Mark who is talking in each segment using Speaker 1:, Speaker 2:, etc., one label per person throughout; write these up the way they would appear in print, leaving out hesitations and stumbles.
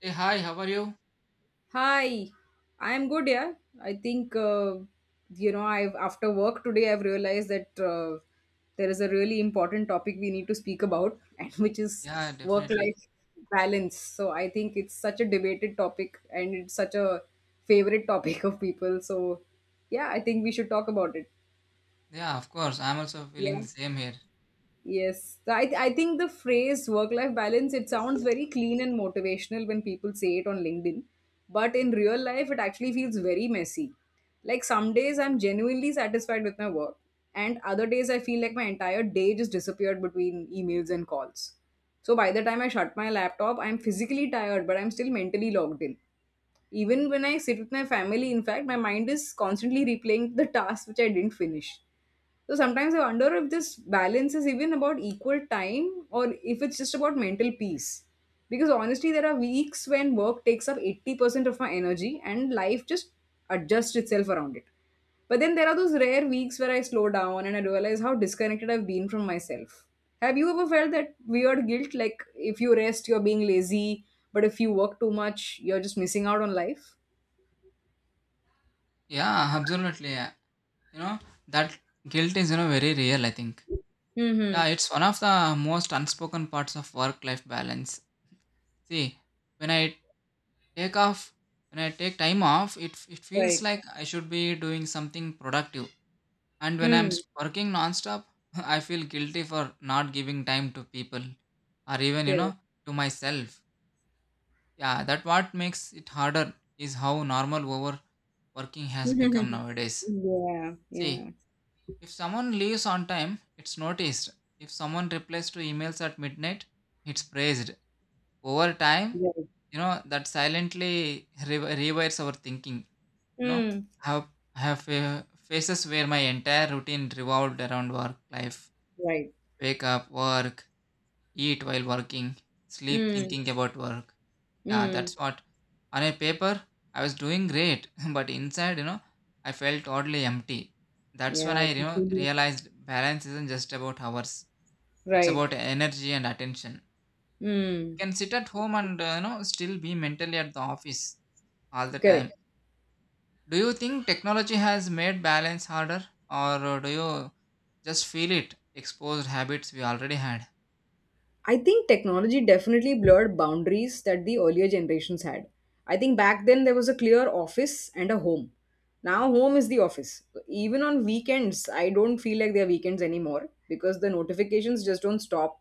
Speaker 1: Hey, hi, how are you?
Speaker 2: Hi, I'm good. Yeah, I think you know, I've after work today I've realized that there is a really important topic we need to speak about, and which is
Speaker 1: Yeah, definitely.
Speaker 2: work-life balance. So I think it's such a debated topic, and it's such a favorite topic of people. So yeah, I think we should talk about it.
Speaker 1: Yeah, of course. I'm also feeling
Speaker 2: Yeah.
Speaker 1: the same here.
Speaker 2: Yes, I think the phrase work life balance it sounds very clean and motivational when people say it on LinkedIn, but in real life it actually feels very messy. Like some days I'm genuinely satisfied with my work, and other days I feel like my entire day just disappeared between emails and calls. So by the time I shut my laptop, I'm physically tired, but I'm still mentally logged in. Even when I sit with my family, in fact, my mind is constantly replaying the tasks which I didn't finish. So sometimes I wonder if this balance is even about equal time or if it's just about mental peace. Because honestly, there are weeks when work takes up 80% of my energy and life just adjusts itself around it. But then there are those rare weeks where I slow down and I realize how disconnected I've been from myself. Have you ever felt that weird guilt, like if you rest, you're being lazy, but if you work too much, you're just missing out on life?
Speaker 1: Yeah, absolutely. Yeah. You know, that guilt is, very real, I think.
Speaker 2: Mm-hmm.
Speaker 1: Yeah, it's one of the most unspoken parts of work-life balance. See, when I take off, when I take time off, it feels
Speaker 2: Right.
Speaker 1: like I should be doing something productive. And when I'm
Speaker 2: Hmm.
Speaker 1: working nonstop, I feel guilty for not giving time to people or even,
Speaker 2: Correct.
Speaker 1: to myself. Yeah, that what makes it harder is how normal overworking has become nowadays.
Speaker 2: Yeah. Yeah.
Speaker 1: See, if someone leaves on time, it's noticed. If someone replies to emails at midnight, it's praised. Over time,
Speaker 2: Right.
Speaker 1: that silently rewires our thinking. You know,
Speaker 2: Hmm.
Speaker 1: I have I have phases where my entire routine revolved around work life,
Speaker 2: Right.
Speaker 1: wake up, work, eat while working, sleep
Speaker 2: Hmm.
Speaker 1: thinking about work. Yeah,
Speaker 2: Hmm.
Speaker 1: that's what. On a paper, I was doing great, but inside, I felt oddly empty. That's
Speaker 2: Yeah.
Speaker 1: when
Speaker 2: I
Speaker 1: I, you
Speaker 2: can
Speaker 1: know,
Speaker 2: feel you.
Speaker 1: realized balance isn't just about hours. It's
Speaker 2: Right.
Speaker 1: about energy and attention. You
Speaker 2: Hmm.
Speaker 1: can sit at home and, still be mentally at the office all the time.
Speaker 2: Correct.
Speaker 1: Do you think technology has made balance harder, or do you just feel it? Exposed habits we already had.
Speaker 2: I think technology definitely blurred boundaries that the earlier generations had. I think back then there was a clear office and a home. Now home is the office. Even on weekends, I don't feel like they're weekends anymore because the notifications just don't stop.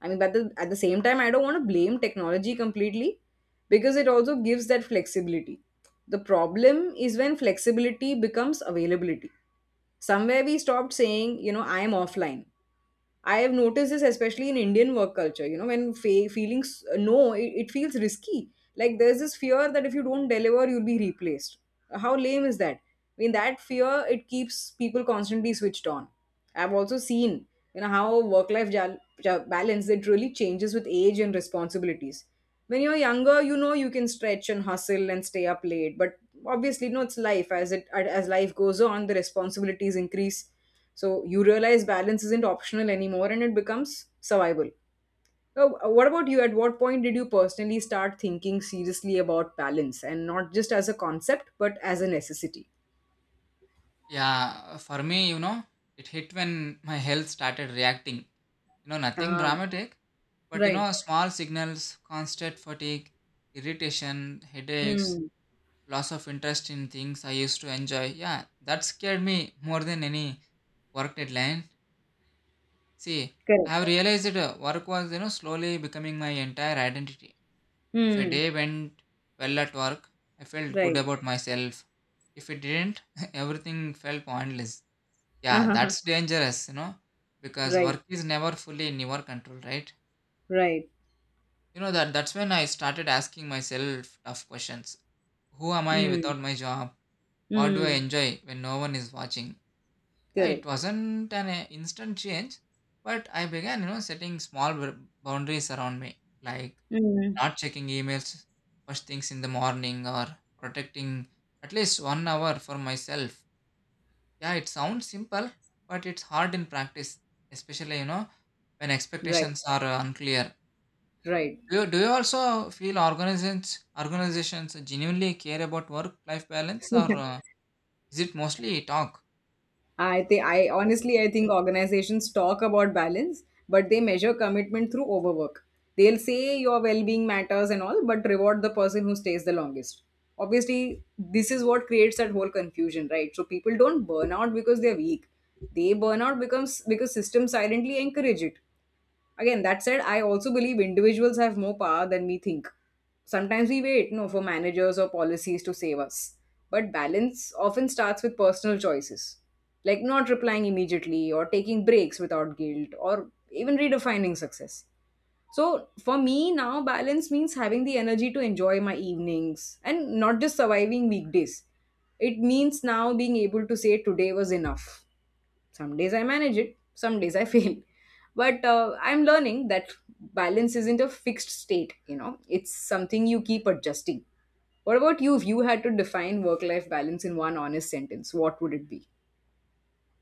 Speaker 2: I mean, but the, at the same time, I don't want to blame technology completely because it also gives that flexibility. The problem is when flexibility becomes availability. Somewhere we stopped saying, you know, I am offline. I have noticed this especially in Indian work culture. You know, when feelings, no, it feels risky. Like there's this fear that if you don't deliver, you'll be replaced. How lame is that? I mean, that fear it keeps people constantly switched on. I've also seen, you know, how work-life balance it really changes with age and responsibilities. When you're younger, you know, you can stretch and hustle and stay up late, but obviously, no, it's life as life goes on, the responsibilities increase. So you realize balance isn't optional anymore and it becomes survival. So what about you, at what point did you personally start thinking seriously about balance and not just as a concept but as a necessity?
Speaker 1: Yeah, for me, it hit when my health started reacting. Nothing
Speaker 2: Ah.
Speaker 1: dramatic, but
Speaker 2: Right.
Speaker 1: small signals, constant fatigue, irritation, headaches,
Speaker 2: Mm.
Speaker 1: loss of interest in things I used to enjoy. Yeah, that scared me more than any work deadline. See, I
Speaker 2: Correct.
Speaker 1: have realized that work was, slowly becoming my entire identity. If a
Speaker 2: Mm.
Speaker 1: day went well at work, I felt good
Speaker 2: Right.
Speaker 1: about myself. If it didn't, everything felt pointless. Yeah,
Speaker 2: Uh-huh.
Speaker 1: that's dangerous, because
Speaker 2: Right.
Speaker 1: work is never fully in your control, right?
Speaker 2: Right.
Speaker 1: That's when I started asking myself tough questions. Who am I
Speaker 2: Mm.
Speaker 1: without my job? What do I
Speaker 2: Mm.
Speaker 1: enjoy when no one is watching? Yeah, it
Speaker 2: Correct.
Speaker 1: wasn't an instant change, but I began, setting small boundaries around me, like
Speaker 2: Mm.
Speaker 1: not checking emails first things in the morning or protecting at least one hour for myself. Yeah, it sounds simple, but it's hard in practice, especially when
Speaker 2: Right.
Speaker 1: expectations are unclear.
Speaker 2: Right.
Speaker 1: Do you also feel organizations genuinely care about work life balance, or is it mostly talk?
Speaker 2: I think, I honestly, I think organizations talk about balance, but they measure commitment through overwork. They'll say your well-being matters and all, but reward the person who stays the longest. Obviously, this is what creates that whole confusion, right? So people don't burn out because they're weak. They burn out becomes because systems silently encourage it. Again, that said, I also believe individuals have more power than we think. Sometimes we wait, no, for managers or policies to save us. But balance often starts with personal choices, like not replying immediately or taking breaks without guilt or even redefining success. So for me now, balance means having the energy to enjoy my evenings and not just surviving weekdays. It means now being able to say today was enough. Some days I manage it, some days I fail. But I'm learning that balance isn't a fixed state, you know, it's something you keep adjusting. What about you? If you had to define work life balance in one honest sentence, what would it be?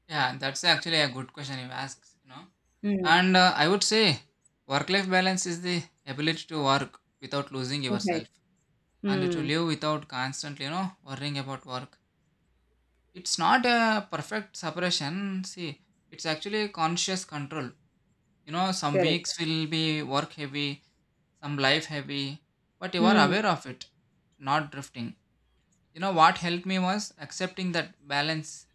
Speaker 1: Yeah, that's actually a good question you asked. You know,
Speaker 2: Hmm.
Speaker 1: and uh, I would say work life balance is the ability to work without losing
Speaker 2: Okay.
Speaker 1: yourself and to
Speaker 2: Hmm.
Speaker 1: live without constantly worrying about work. It's not a perfect separation. See, it's actually conscious control. Some
Speaker 2: Correct.
Speaker 1: weeks will be work heavy, some life heavy, but you are
Speaker 2: Hmm.
Speaker 1: aware of it, not drifting. What helped me was accepting that balance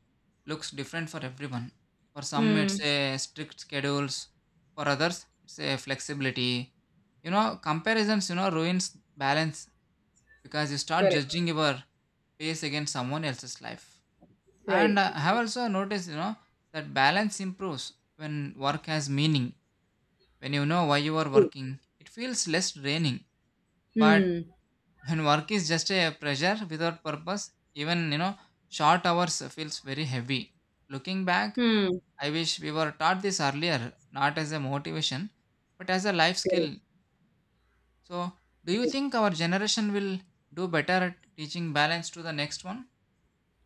Speaker 1: looks different for everyone. For some,
Speaker 2: Hmm.
Speaker 1: it's a strict schedules, for others, it's a flexibility. Comparisons, ruins balance because you start
Speaker 2: Correct.
Speaker 1: judging your pace against someone else's life. And
Speaker 2: Right.
Speaker 1: I have also noticed, that balance improves when work has meaning when you know why you are
Speaker 2: True.
Speaker 1: working, it feels less draining. But
Speaker 2: Hmm.
Speaker 1: when work is just a pressure without purpose, even short hours feels very heavy. Looking back,
Speaker 2: Hmm.
Speaker 1: I wish we were taught this earlier, not as a motivation, but as a life
Speaker 2: Correct.
Speaker 1: skill. So, do you think our generation will do better at teaching balance to the next one?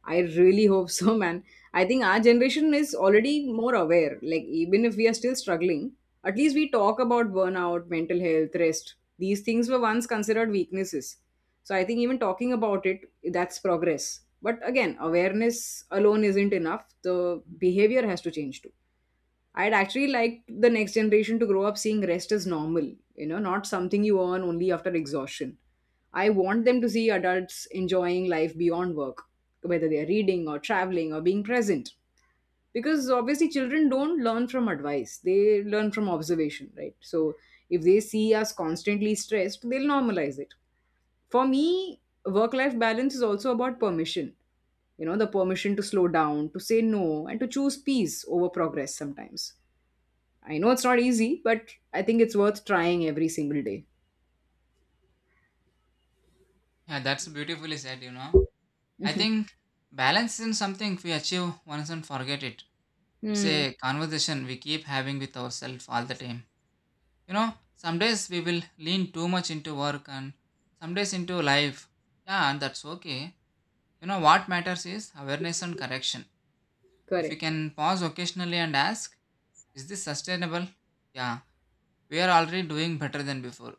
Speaker 2: I really hope so, man. I think our generation is already more aware. Like, even if we are still struggling, at least we talk about burnout, mental health, rest. These things were once considered weaknesses. So, I think even talking about it, that's progress. But again, awareness alone isn't enough. The behavior has to change too. I'd actually like the next generation to grow up seeing rest as normal, you know, not something you earn only after exhaustion. I want them to see adults enjoying life beyond work, whether they're reading or traveling or being present. Because obviously, children don't learn from advice, they learn from observation, right? So, if they see us constantly stressed, they'll normalize it. For me, work life balance is also about permission, you know, the permission to slow down, to say no, and to choose peace over progress sometimes. I know it's not easy, but I think it's worth trying every single day.
Speaker 1: Yeah, that's beautifully said. I think balance isn't something we achieve once and forget it. It's
Speaker 2: Hmm.
Speaker 1: a conversation we keep having with ourselves all the time. you know some days we will lean too much into work and some days into life. Yeah, and that's okay. What matters is awareness and correction. If we
Speaker 2: Correct.
Speaker 1: can pause occasionally and ask, is this sustainable? Yeah, we are already doing better than before.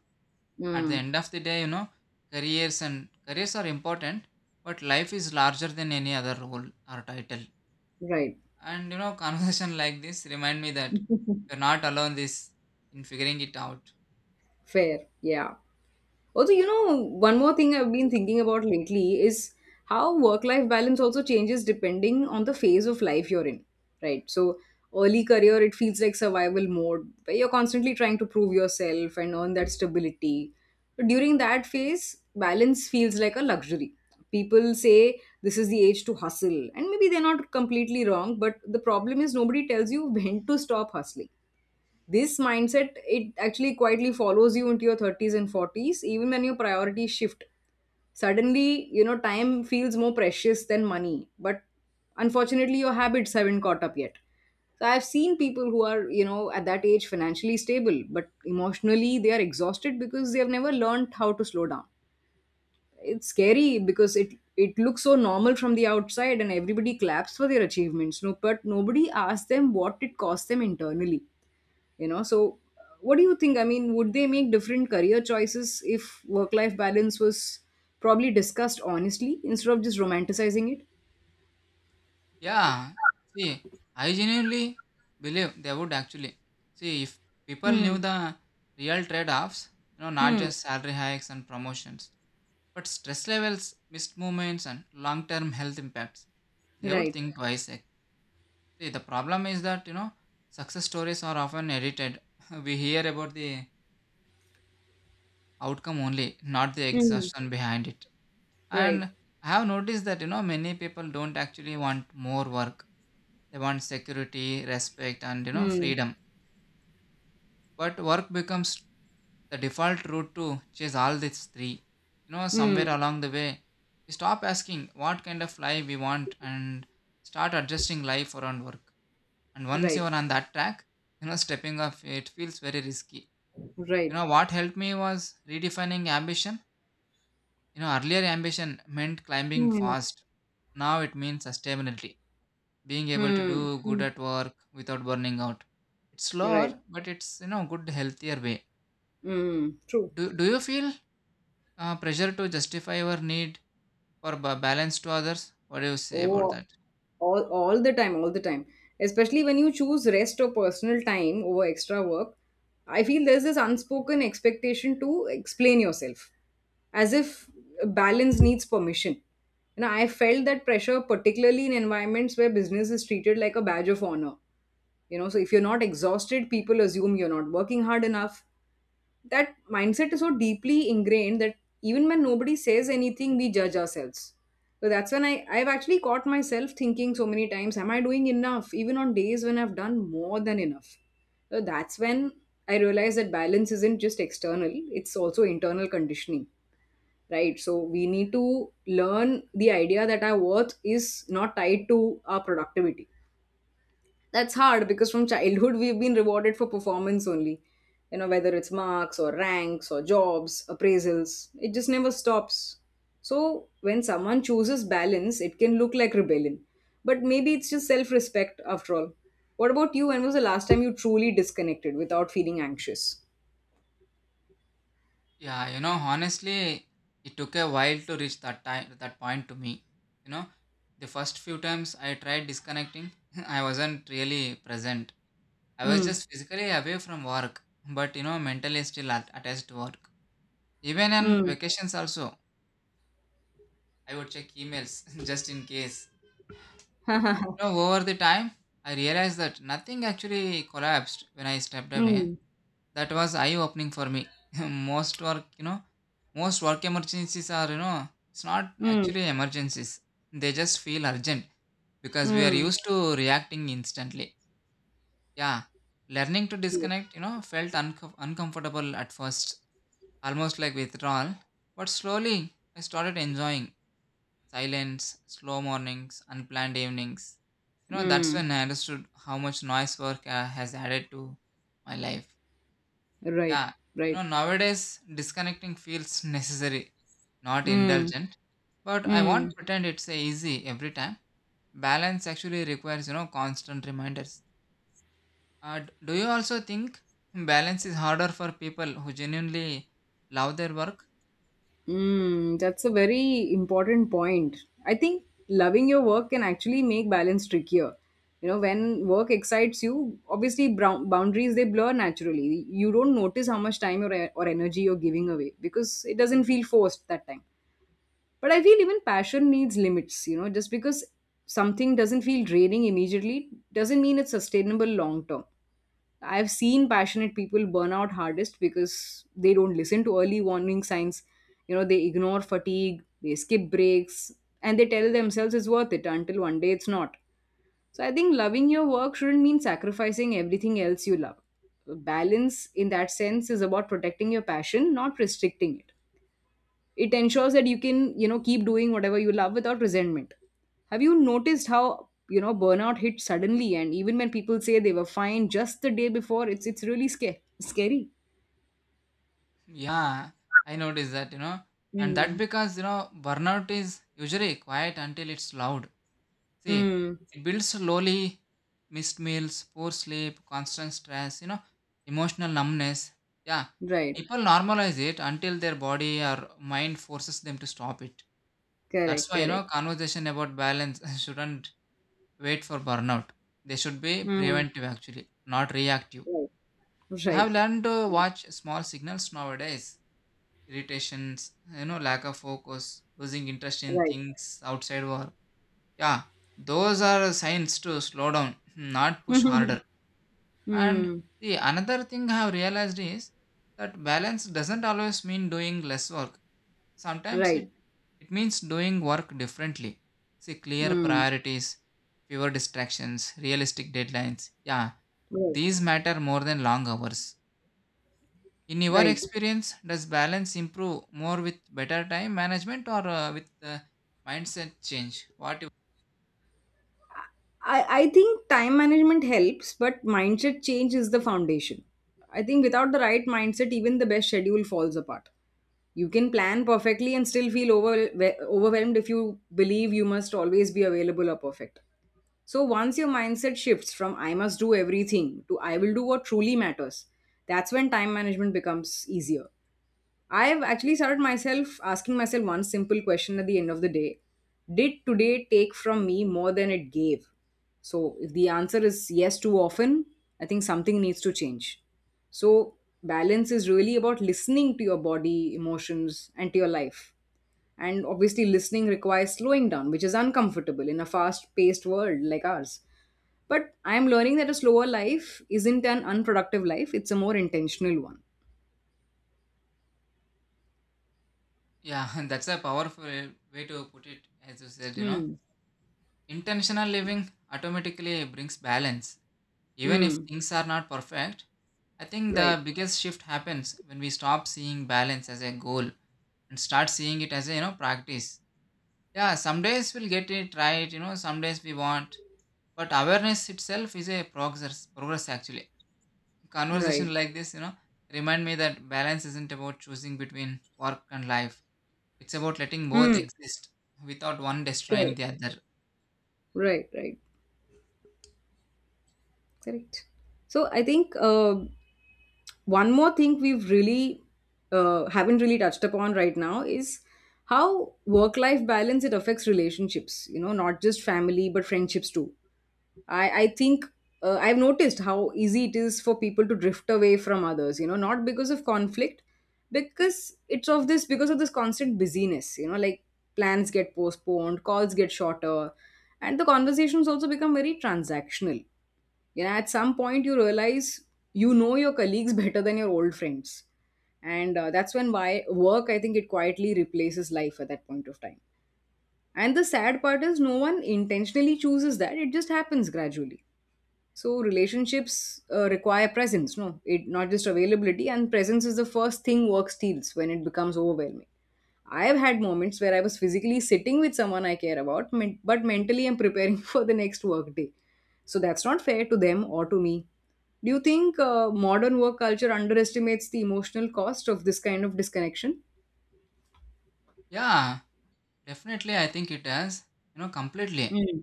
Speaker 1: At the
Speaker 2: Hmm.
Speaker 1: end of the day, careers and careers are important, but life is larger than any other role or title.
Speaker 2: Right.
Speaker 1: And conversation like this remind me that we're not alone this in figuring it out.
Speaker 2: Fair. Yeah. Also, you know, one more thing I've been thinking about lately is how work life balance also changes depending on the phase of life you're in, right? So, early career, it feels like survival mode where you're constantly trying to prove yourself and earn that stability. During that phase, balance feels like a luxury. People say this is the age to hustle, and maybe they're not completely wrong, but the problem is nobody tells you when to stop hustling. This mindset it actually quietly follows you into your 30s and 40s, even when your priorities shift suddenly, you know, time feels more precious than money, but unfortunately your habits haven't caught up yet. So I've seen people who are, you know, at that age financially stable, but emotionally they are exhausted because they have never learned how to slow down. It's scary because it looks so normal from the outside, and everybody claps for their achievements, no, but nobody asks them what it cost them internally, you know. So what do you think, I mean, would they make different career choices if work life balance was probably discussed honestly instead of just romanticizing it?
Speaker 1: Yeah, see, I genuinely believe they would actually. See, if people
Speaker 2: Hmm.
Speaker 1: knew the real trade offs, not
Speaker 2: Hmm.
Speaker 1: just salary hikes and promotions, but stress levels, missed movements, and long term health impacts, they would
Speaker 2: Right.
Speaker 1: think twice. Eh. See, the problem is that, success stories are often edited. We hear about the outcome only, not the
Speaker 2: Hmm.
Speaker 1: exhaustion behind it.
Speaker 2: Right.
Speaker 1: And I have noticed that many people don't actually want more work. They want security, respect, and
Speaker 2: Hmm.
Speaker 1: freedom. But work becomes the default route to chase all these three. You know,
Speaker 2: Hmm.
Speaker 1: somewhere along the way, we stop asking what kind of life we want and start adjusting life around work. And once you
Speaker 2: Right.
Speaker 1: are on that track, stepping off it feels very risky. You
Speaker 2: Right.
Speaker 1: know, what helped me was redefining ambition. Earlier ambition meant climbing
Speaker 2: Hmm.
Speaker 1: fast. Now it means sustainability, being able to
Speaker 2: Hmm.
Speaker 1: do good at work without burning out. It's
Speaker 2: Right.
Speaker 1: slower, but it's good healthier way.
Speaker 2: Hmm. True.
Speaker 1: Do you feel pressure to justify your need for balance to others? What do you say about
Speaker 2: Oh,
Speaker 1: that?
Speaker 2: all the time, all the time. Especially when you choose rest or personal time over extra work, I feel there's this unspoken expectation to explain yourself, as if balance needs permission. You know, I felt that pressure, particularly in environments where business is treated like a badge of honor. You know, so if you're not exhausted, people assume you're not working hard enough. That mindset is so deeply ingrained that even when nobody says anything, we judge ourselves. So that's when I've actually caught myself thinking so many times, am I doing enough, even on days when I've done more than enough. So that's when I realized that balance isn't just external, it's also internal conditioning. Right, so we need to learn the idea that our worth is not tied to our productivity. That's hard because from childhood we've been rewarded for performance only. You know, whether it's marks or ranks or jobs, appraisals, it just never stops. So when someone chooses balance, it can look like rebellion. But maybe it's just self respect after all. What about you? When was the last time you truly disconnected without feeling anxious?
Speaker 1: Yeah, honestly, it took a while to reach that point to me. You know, the first few times I tried disconnecting, I wasn't really present. I was
Speaker 2: Mm.
Speaker 1: just physically away from work, but mentally still attached to work. Even on
Speaker 2: Mm.
Speaker 1: vacations, also, I would check emails just in case. You know, over the time, I realized that nothing actually collapsed when I stepped away.
Speaker 2: Mm.
Speaker 1: That was eye opening for me. most work, you know, most work emergencies are, it's not
Speaker 2: Mm.
Speaker 1: actually emergencies. They just feel urgent because we are
Speaker 2: Mm.
Speaker 1: used to reacting instantly. Yeah, learning to disconnect, felt uncomfortable at first, almost like withdrawal. But slowly, I started enjoying silence, slow mornings, unplanned evenings. That's
Speaker 2: Mm.
Speaker 1: when I understood how much noise work has added to my life.
Speaker 2: Right.
Speaker 1: Yeah,
Speaker 2: Right.
Speaker 1: nowadays disconnecting feels necessary, not
Speaker 2: Mm.
Speaker 1: indulgent. But I
Speaker 2: Mm.
Speaker 1: won't pretend it's easy every time. Balance actually requires, constant reminders. Do you also think balance is harder for people who genuinely love their work?
Speaker 2: Mm, that's a very important point. I think loving your work can actually make balance trickier. You know, when work excites you, obviously, boundaries they blur naturally. You don't notice how much time or energy you're giving away because it doesn't feel forced that time. But I feel even passion needs limits. You know, just because something doesn't feel draining immediately doesn't mean it's sustainable long term. I've seen passionate people burn out hardest because they don't listen to early warning signs. You know, they ignore fatigue, they skip breaks, and they tell themselves it's worth it until one day it's not. So I think loving your work shouldn't mean sacrificing everything else you love. Balance in that sense is about protecting your passion, not restricting it. Ensures that you can, you know, keep doing whatever you love without resentment. Have you noticed how, you know, burnout hits suddenly, and even when people say they were fine just the day before, it's really scary, scary?
Speaker 1: Yeah, I noticed that, and that
Speaker 2: Mm.
Speaker 1: because, burnout is usually quiet until it's loud. See,
Speaker 2: Mm.
Speaker 1: it builds slowly, missed meals, poor sleep, constant stress, emotional numbness. Yeah,
Speaker 2: Right.
Speaker 1: people normalize it until their body or mind forces them to stop it. That's
Speaker 2: Correct.
Speaker 1: why,
Speaker 2: Correct.
Speaker 1: conversation about balance shouldn't wait for burnout. They should be
Speaker 2: Mm.
Speaker 1: preventive actually, not reactive.
Speaker 2: Right.
Speaker 1: I
Speaker 2: Right.
Speaker 1: have learned to watch small signals nowadays, irritations, lack of focus, losing interest in
Speaker 2: Right.
Speaker 1: things outside work. Yeah, those are signs to slow down, not push harder. And
Speaker 2: Mm.
Speaker 1: see, another thing I have realized is that balance doesn't always mean doing less work. Sometimes it,
Speaker 2: Right.
Speaker 1: it means doing work differently. See, clear
Speaker 2: Mm.
Speaker 1: priorities, fewer distractions, realistic deadlines. Yeah,
Speaker 2: Right.
Speaker 1: these matter more than long hours. In your
Speaker 2: Right.
Speaker 1: experience, does balance improve more with better time management or with mindset change? What?
Speaker 2: I think time management helps, but mindset change is the foundation. I think without the right mindset, even the best schedule falls apart. You can plan perfectly and still feel overwhelmed if you believe you must always be available or perfect. So once your mindset shifts from I must do everything to I will do what truly matters, that's when time management becomes easier. I've actually started myself asking myself one simple question at the end of the day. Did today take from me more than it gave? So if the answer is yes too often, I think something needs to change. So balance is really about listening to your body, emotions, and to your life. And obviously, listening requires slowing down, which is uncomfortable in a fast paced world like ours. But I'm learning that a slower life isn't an unproductive life, it's a more intentional one.
Speaker 1: Yeah, that's a powerful way to put it. As you said,
Speaker 2: Mm.
Speaker 1: intentional living automatically brings balance, even if
Speaker 2: Mm.
Speaker 1: things are not perfect. I think the
Speaker 2: Right,
Speaker 1: biggest shift happens when we stop seeing balance as a goal and start seeing it as a practice. Yeah, some days we'll get it right, some days we won't. But awareness itself is a progress actually.
Speaker 2: right.
Speaker 1: Conversation like this, remind me that balance isn't about choosing between work and life. It's about letting both
Speaker 2: Hmm.
Speaker 1: exist without one destroying
Speaker 2: Correct.
Speaker 1: the other.
Speaker 2: Right, right. Correct. So I think one more thing we've really haven't really touched upon right now is how work life balance it affects relationships, you know, not just family but friendships too. I think I've noticed how easy it is for people to drift away from others, you know, not because of conflict, because of this constant busyness, you know, like plans get postponed, calls get shorter, and the conversations also become very transactional. You know, at some point you realize, you know, your colleagues better than your old friends. And That's when why work, I think it quietly replaces life at that point of time. And the sad part is no one intentionally chooses that, it just happens gradually. So relationships require presence, no, it not just availability. And presence is the first thing work steals when it becomes overwhelming. I have had moments where I was physically sitting with someone I care about, but mentally I'm preparing for the next work day. So that's not fair to them or to me. Do you think modern work culture underestimates the emotional cost of this kind of disconnection?
Speaker 1: Yeah, definitely. I think it has, completely.
Speaker 2: Mm,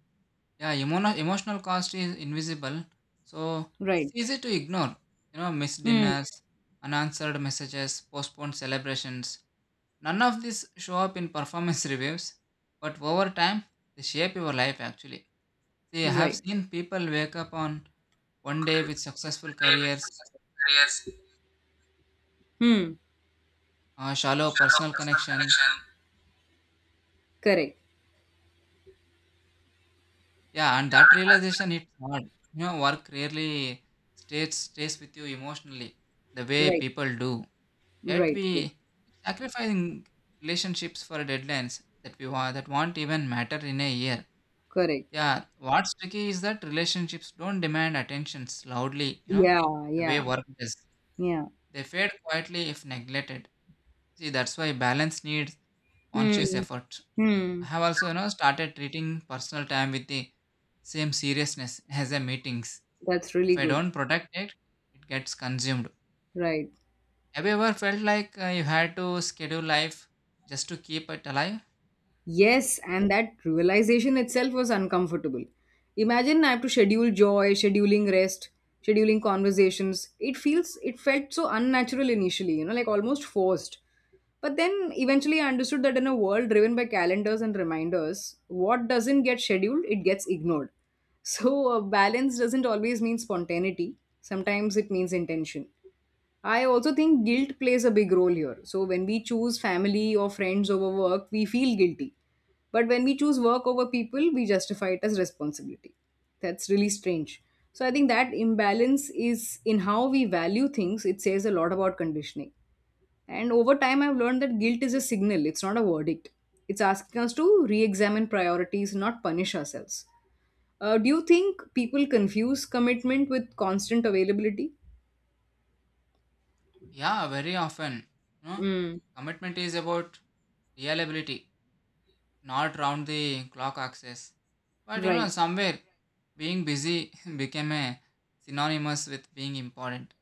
Speaker 1: Yeah, emotional cost is invisible, so it's
Speaker 2: right.
Speaker 1: easy to ignore. Missed
Speaker 2: Mm,
Speaker 1: dinners, unanswered messages, postponed celebrations. None of this show up in performance reviews, but over time, they shape your life actually. See, I have
Speaker 2: right.
Speaker 1: seen people wake up on one day with successful careers,
Speaker 2: Hmm.
Speaker 1: shallow personal connection.
Speaker 2: Correct.
Speaker 1: Yeah, and that realization hits hard. Work rarely stays with you emotionally the way
Speaker 2: Right.
Speaker 1: people do. Yet
Speaker 2: Right.
Speaker 1: we
Speaker 2: Right.
Speaker 1: keep sacrificing relationships for deadlines that we want that won't even matter in a year.
Speaker 2: Correct.
Speaker 1: Yeah, what's tricky is that relationships don't demand attentions loudly. You know,
Speaker 2: Yeah,
Speaker 1: the way
Speaker 2: yeah,
Speaker 1: work does.
Speaker 2: yeah.
Speaker 1: They fade quietly if neglected. See, that's why balance needs
Speaker 2: Hmm.
Speaker 1: conscious effort. I
Speaker 2: Hmm.
Speaker 1: have also, started treating personal time with the same seriousness as the meetings.
Speaker 2: That's really
Speaker 1: If I
Speaker 2: good.
Speaker 1: don't protect it, it gets consumed.
Speaker 2: Right.
Speaker 1: Have you ever felt like you had to schedule life just to keep it alive?
Speaker 2: Yes, and that realization itself was uncomfortable. Imagine I have to schedule joy, scheduling rest, scheduling conversations. It felt so unnatural initially, you know, like almost forced. But then eventually I understood that in a world driven by calendars and reminders, what doesn't get scheduled, it gets ignored. So a balance doesn't always mean spontaneity. Sometimes it means intention. I also think guilt plays a big role here. So when we choose family or friends over work, we feel guilty. But when we choose work over people, we justify it as responsibility. That's really strange. So I think that imbalance is in how we value things, it says a lot about conditioning. And over time, I've learned that guilt is a signal, it's not a verdict. It's asking us to re examine priorities, not punish ourselves. Do you think people confuse commitment with constant availability?
Speaker 1: Yeah, very often. You know,
Speaker 2: Mm,
Speaker 1: commitment is about reliability, not round the clock access. But you know,
Speaker 2: right,
Speaker 1: somewhere being busy became a synonymous with being important.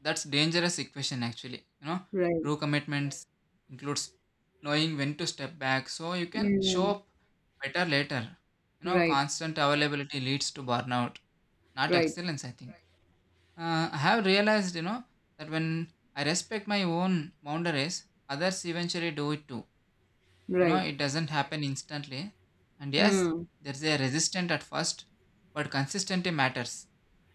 Speaker 1: That's dangerous equation actually. You know,
Speaker 2: right.
Speaker 1: true commitments includes knowing when to step back so you can show
Speaker 2: Mm.
Speaker 1: up better later. You know,
Speaker 2: Right,
Speaker 1: constant availability leads to burnout, not
Speaker 2: right,
Speaker 1: excellence, I think. I have realized, you know, that when I respect my own boundaries, others eventually do it too. You know,
Speaker 2: right.
Speaker 1: it doesn't happen instantly. And yes,
Speaker 2: Hmm.
Speaker 1: there's a resistance at first, but consistency matters.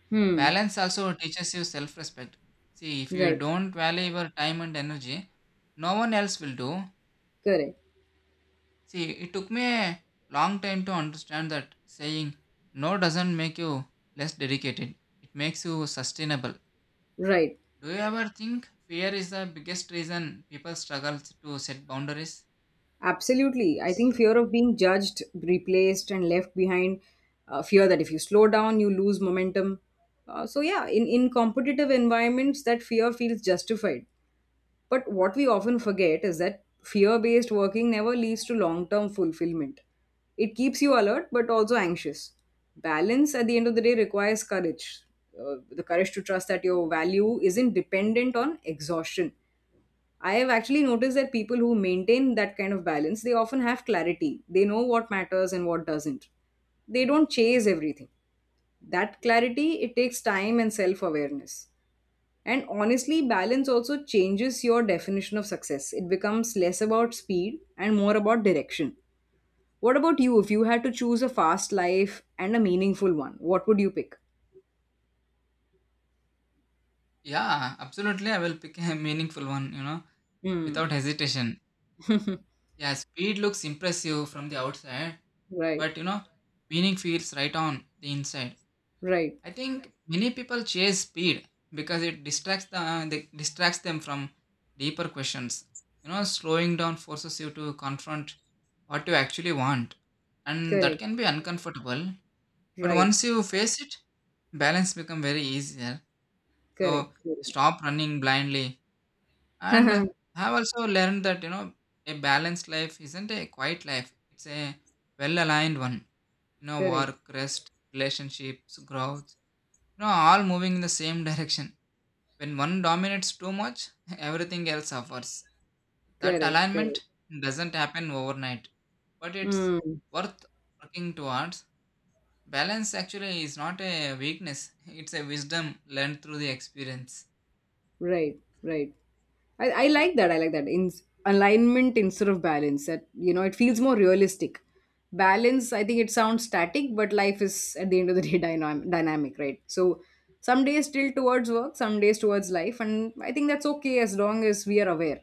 Speaker 2: Hmm.
Speaker 1: Balance also teaches you self respect. See, if you
Speaker 2: Right.
Speaker 1: don't value your time and energy, no one else will do.
Speaker 2: Correct.
Speaker 1: See, it took me a long time to understand that saying no doesn't make you less dedicated, it makes you sustainable.
Speaker 2: Right.
Speaker 1: Do you ever think fear is the biggest reason people struggle to set boundaries?
Speaker 2: Absolutely. I think fear of being judged, replaced, and left behind. Fear that if you slow down, you lose momentum. So yeah, in competitive environments, that fear feels justified. But what we often forget is that fear based working never leads to long term fulfillment. It keeps you alert but also anxious. Balance at the end of the day requires courage, the courage to trust that your value isn't dependent on exhaustion. I have actually noticed that people who maintain that kind of balance, they often have clarity. They know what matters and what doesn't. They don't chase everything. That clarity, it takes time and self awareness. And honestly, balance also changes your definition of success. It becomes less about speed and more about direction. What about you? If you had to choose a fast life and a meaningful one, what would you pick?
Speaker 1: Yeah, absolutely. I will pick a meaningful one, you know,
Speaker 2: Hmm.
Speaker 1: without hesitation. Yeah, speed looks impressive from the outside,
Speaker 2: Right.
Speaker 1: but you know, meaning feels right on the inside.
Speaker 2: Right.
Speaker 1: I think many people chase speed because it distracts they distracts them from deeper questions. You know, slowing down forces you to confront what you actually want, and that
Speaker 2: Correct.
Speaker 1: can be uncomfortable. But
Speaker 2: Right.
Speaker 1: once you face it, balance become very easier. So
Speaker 2: Correct. Correct.
Speaker 1: stop running blindly, and I have also learned that you know a balanced life isn't a quiet life; it's a well-aligned one. You know,
Speaker 2: Correct.
Speaker 1: work, rest, relationships, growth you know, all moving in the same direction. When one dominates too much, everything else suffers. That
Speaker 2: Correct. Correct.
Speaker 1: alignment doesn't happen overnight, but it's
Speaker 2: Hmm.
Speaker 1: worth working towards. Balance actually is not a weakness, it's a wisdom learned through the experience.
Speaker 2: Right, right. I like that. I like that. In alignment instead of balance. That, you know, it feels more realistic. Balance, I think it sounds static, but life is at the end of the day dynamic, right? So some days still towards work, some days towards life, and I think that's okay as long as we are aware.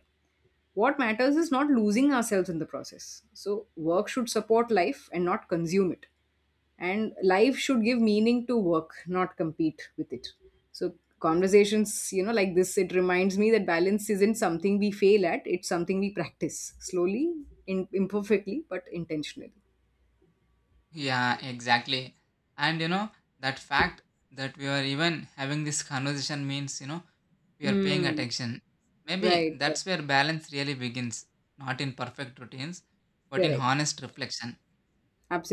Speaker 2: What matters is not losing ourselves in the process. So work should support life and not consume it, and life should give meaning to work not compete with it. So conversations, you know, like this, it reminds me that balance isn't something we fail at, it's something we practice slowly, in, imperfectly but intentionally.
Speaker 1: Yeah, exactly. And you know, that fact that we are even having this conversation means, you know, we are paying
Speaker 2: Mm,
Speaker 1: attention. Maybe
Speaker 2: right.
Speaker 1: that's where balance really begins, not in perfect routines, but in
Speaker 2: Correct.
Speaker 1: honest reflection.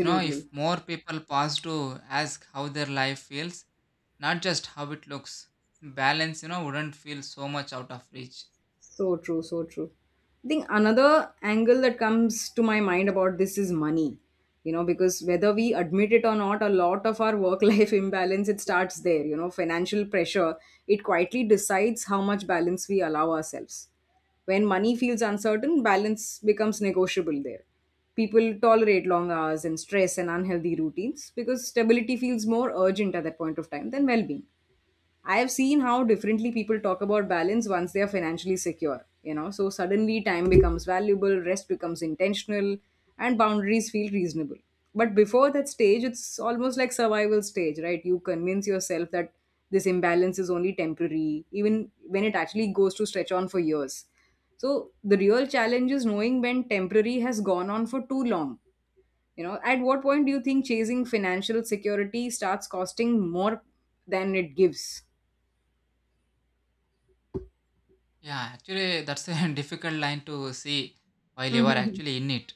Speaker 1: You know, if more people pause to ask how their life feels, not just how it looks, balance, you know, wouldn't feel so much out of reach.
Speaker 2: So true, so true. I think another angle that comes to my mind about this is money. You know, because whether we admit it or not, a lot of our work life imbalance it starts there. You know, financial pressure it quietly decides how much balance we allow ourselves. When money feels uncertain, balance becomes negotiable there. People tolerate long hours and stress and unhealthy routines because stability feels more urgent at that point of time than well being. I have seen how differently people talk about balance once they are financially secure, you know. So suddenly time becomes valuable, rest becomes intentional, and boundaries feel reasonable. But before that stage, it's almost like survival stage, right? You convince yourself that this imbalance is only temporary, even when it actually goes to stretch on for years. So the real challenge is knowing when temporary has gone on for too long. You know, at what point do you think chasing financial security starts costing more than it gives?
Speaker 1: Yeah, actually, that's a difficult line to see while you are
Speaker 2: Mhm.
Speaker 1: actually in it.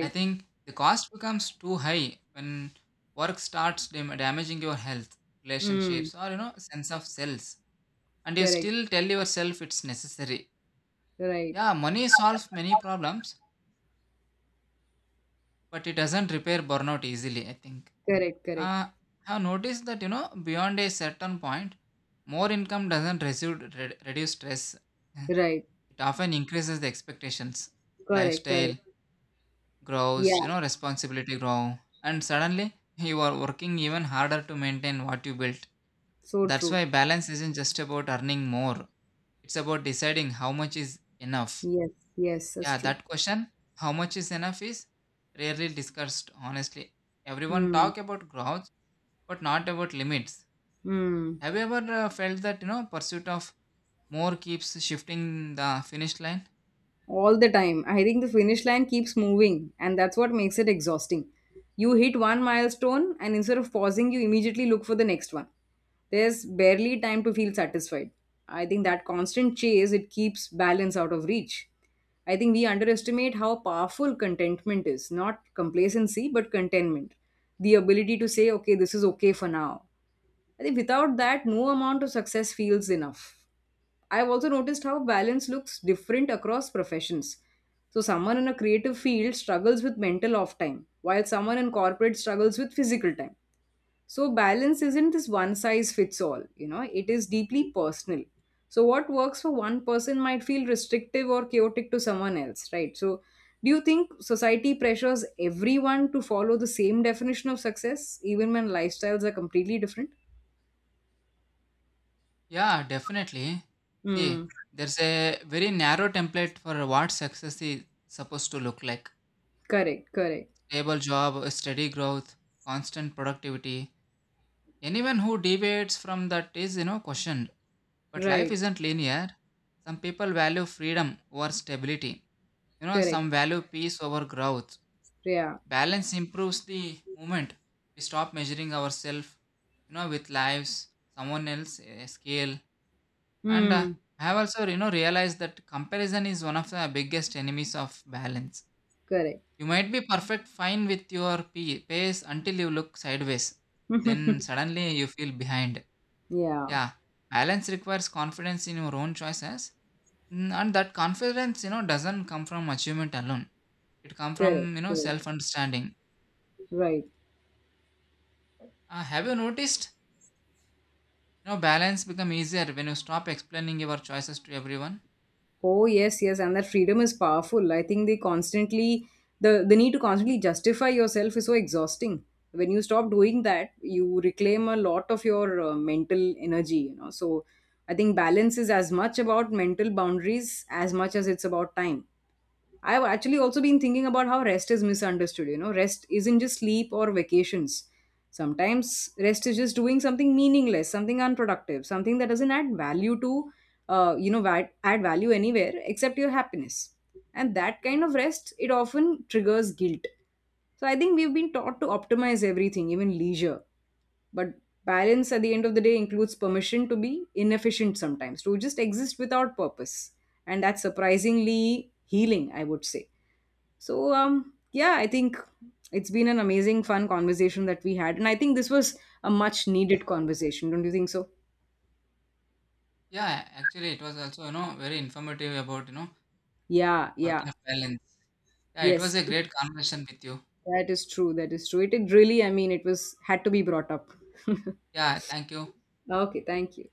Speaker 1: I think the cost becomes too high when work starts damaging your health,
Speaker 2: Mm.
Speaker 1: relationships, or, you know, sense of selves. And you
Speaker 2: Correct.
Speaker 1: still tell yourself it's necessary.
Speaker 2: Right.
Speaker 1: Yeah, money solves many problems, but it doesn't repair burnout easily, I think.
Speaker 2: Correct. Correct.
Speaker 1: Uh, have noticed that you know beyond a certain point, more income doesn't reduce stress. Eh,
Speaker 2: Right.
Speaker 1: It often increases the expectations.
Speaker 2: Correct. Correct.
Speaker 1: Lifestyle
Speaker 2: Yeah.
Speaker 1: grows, you know, responsibility grow, and suddenly you are working even harder to maintain what you built.
Speaker 2: So
Speaker 1: That's
Speaker 2: true.
Speaker 1: why balance isn't just about earning more. It's about deciding how much is enough.
Speaker 2: Yes. Yes. That's
Speaker 1: Yeah,
Speaker 2: true.
Speaker 1: that question, how much is enough, is rarely discussed honestly. Everyone
Speaker 2: Mm.
Speaker 1: talk about growth, but not about limits.
Speaker 2: Mm.
Speaker 1: Have you ever felt that you know pursuit of more keeps shifting the finish line?
Speaker 2: All the time. I think the finish line keeps moving, and that's what makes it exhausting. You hit one milestone, and instead of pausing, you immediately look for the next one. There's barely time to feel satisfied. I think that constant chase it keeps balance out of reach. I think we underestimate how powerful contentment is, not complacency, but contentment. The ability to say, okay, this is okay for now. I think without that, no amount of success feels enough. I've also noticed how balance looks different across professions. So someone in a creative field struggles with mental off time, while someone in corporate struggles with physical time. So balance isn't this one size fits all, you know, it is deeply personal. So what works for one person might feel restrictive or chaotic to someone else, right? So do you think society pressures everyone to follow the same definition of success, even when lifestyles are completely different?
Speaker 1: Yeah, definitely.
Speaker 2: Mm,
Speaker 1: See, there's a very narrow template for what success is supposed to look like.
Speaker 2: correct, correct,
Speaker 1: Stable job, steady growth, constant productivity. Anyone who deviates from that is, you know, questioned. But life
Speaker 2: right,
Speaker 1: isn't linear. Some people value freedom over stability. You know,
Speaker 2: correct,
Speaker 1: some value peace over growth.
Speaker 2: yeah.
Speaker 1: Balance improves the moment we stop measuring ourselves you know with lives someone else a scale. And
Speaker 2: Hmm.
Speaker 1: I have also you know realized that comparison is one of the biggest enemies of balance.
Speaker 2: Correct.
Speaker 1: You might be perfect fine with your pace until you look sideways, then suddenly you feel behind.
Speaker 2: Yeah.
Speaker 1: Yeah, balance requires confidence in your own choices. Mm, and that confidence you know doesn't come from achievement alone, it comes from
Speaker 2: Correct.
Speaker 1: you know
Speaker 2: Correct.
Speaker 1: self understanding.
Speaker 2: Right.
Speaker 1: Have you noticed, you know, balance become easier when you stop explaining your choices to everyone.
Speaker 2: Oh yes, yes. And that freedom is powerful. I think they constantly, the need to constantly justify yourself is so exhausting. When you stop doing that, you reclaim a lot of your mental energy. You know. So I think balance is as much about mental boundaries as much as it's about time. I've actually also been thinking about how rest is misunderstood. You know, rest isn't just sleep or vacations. Sometimes rest is just doing something meaningless, something unproductive, something that doesn't add value to, you know, add value anywhere except your happiness. And that kind of rest, it often triggers guilt. So I think we've been taught to optimize everything, even leisure. But balance at the end of the day includes permission to be inefficient sometimes, to just exist without purpose. And that's surprisingly healing, I would say. So, yeah, I think it's been an amazing, fun conversation that we had. And I think this was a much needed conversation, don't you think so?
Speaker 1: Yeah, actually it was also, you know, very informative about, you know,
Speaker 2: Yeah,
Speaker 1: work
Speaker 2: yeah,
Speaker 1: life balance. Yeah, it was
Speaker 2: yes,
Speaker 1: a great conversation with you.
Speaker 2: that is true. That is true. It really, I mean, it was had to be brought up.
Speaker 1: Yeah, thank you.
Speaker 2: Okay, thank you.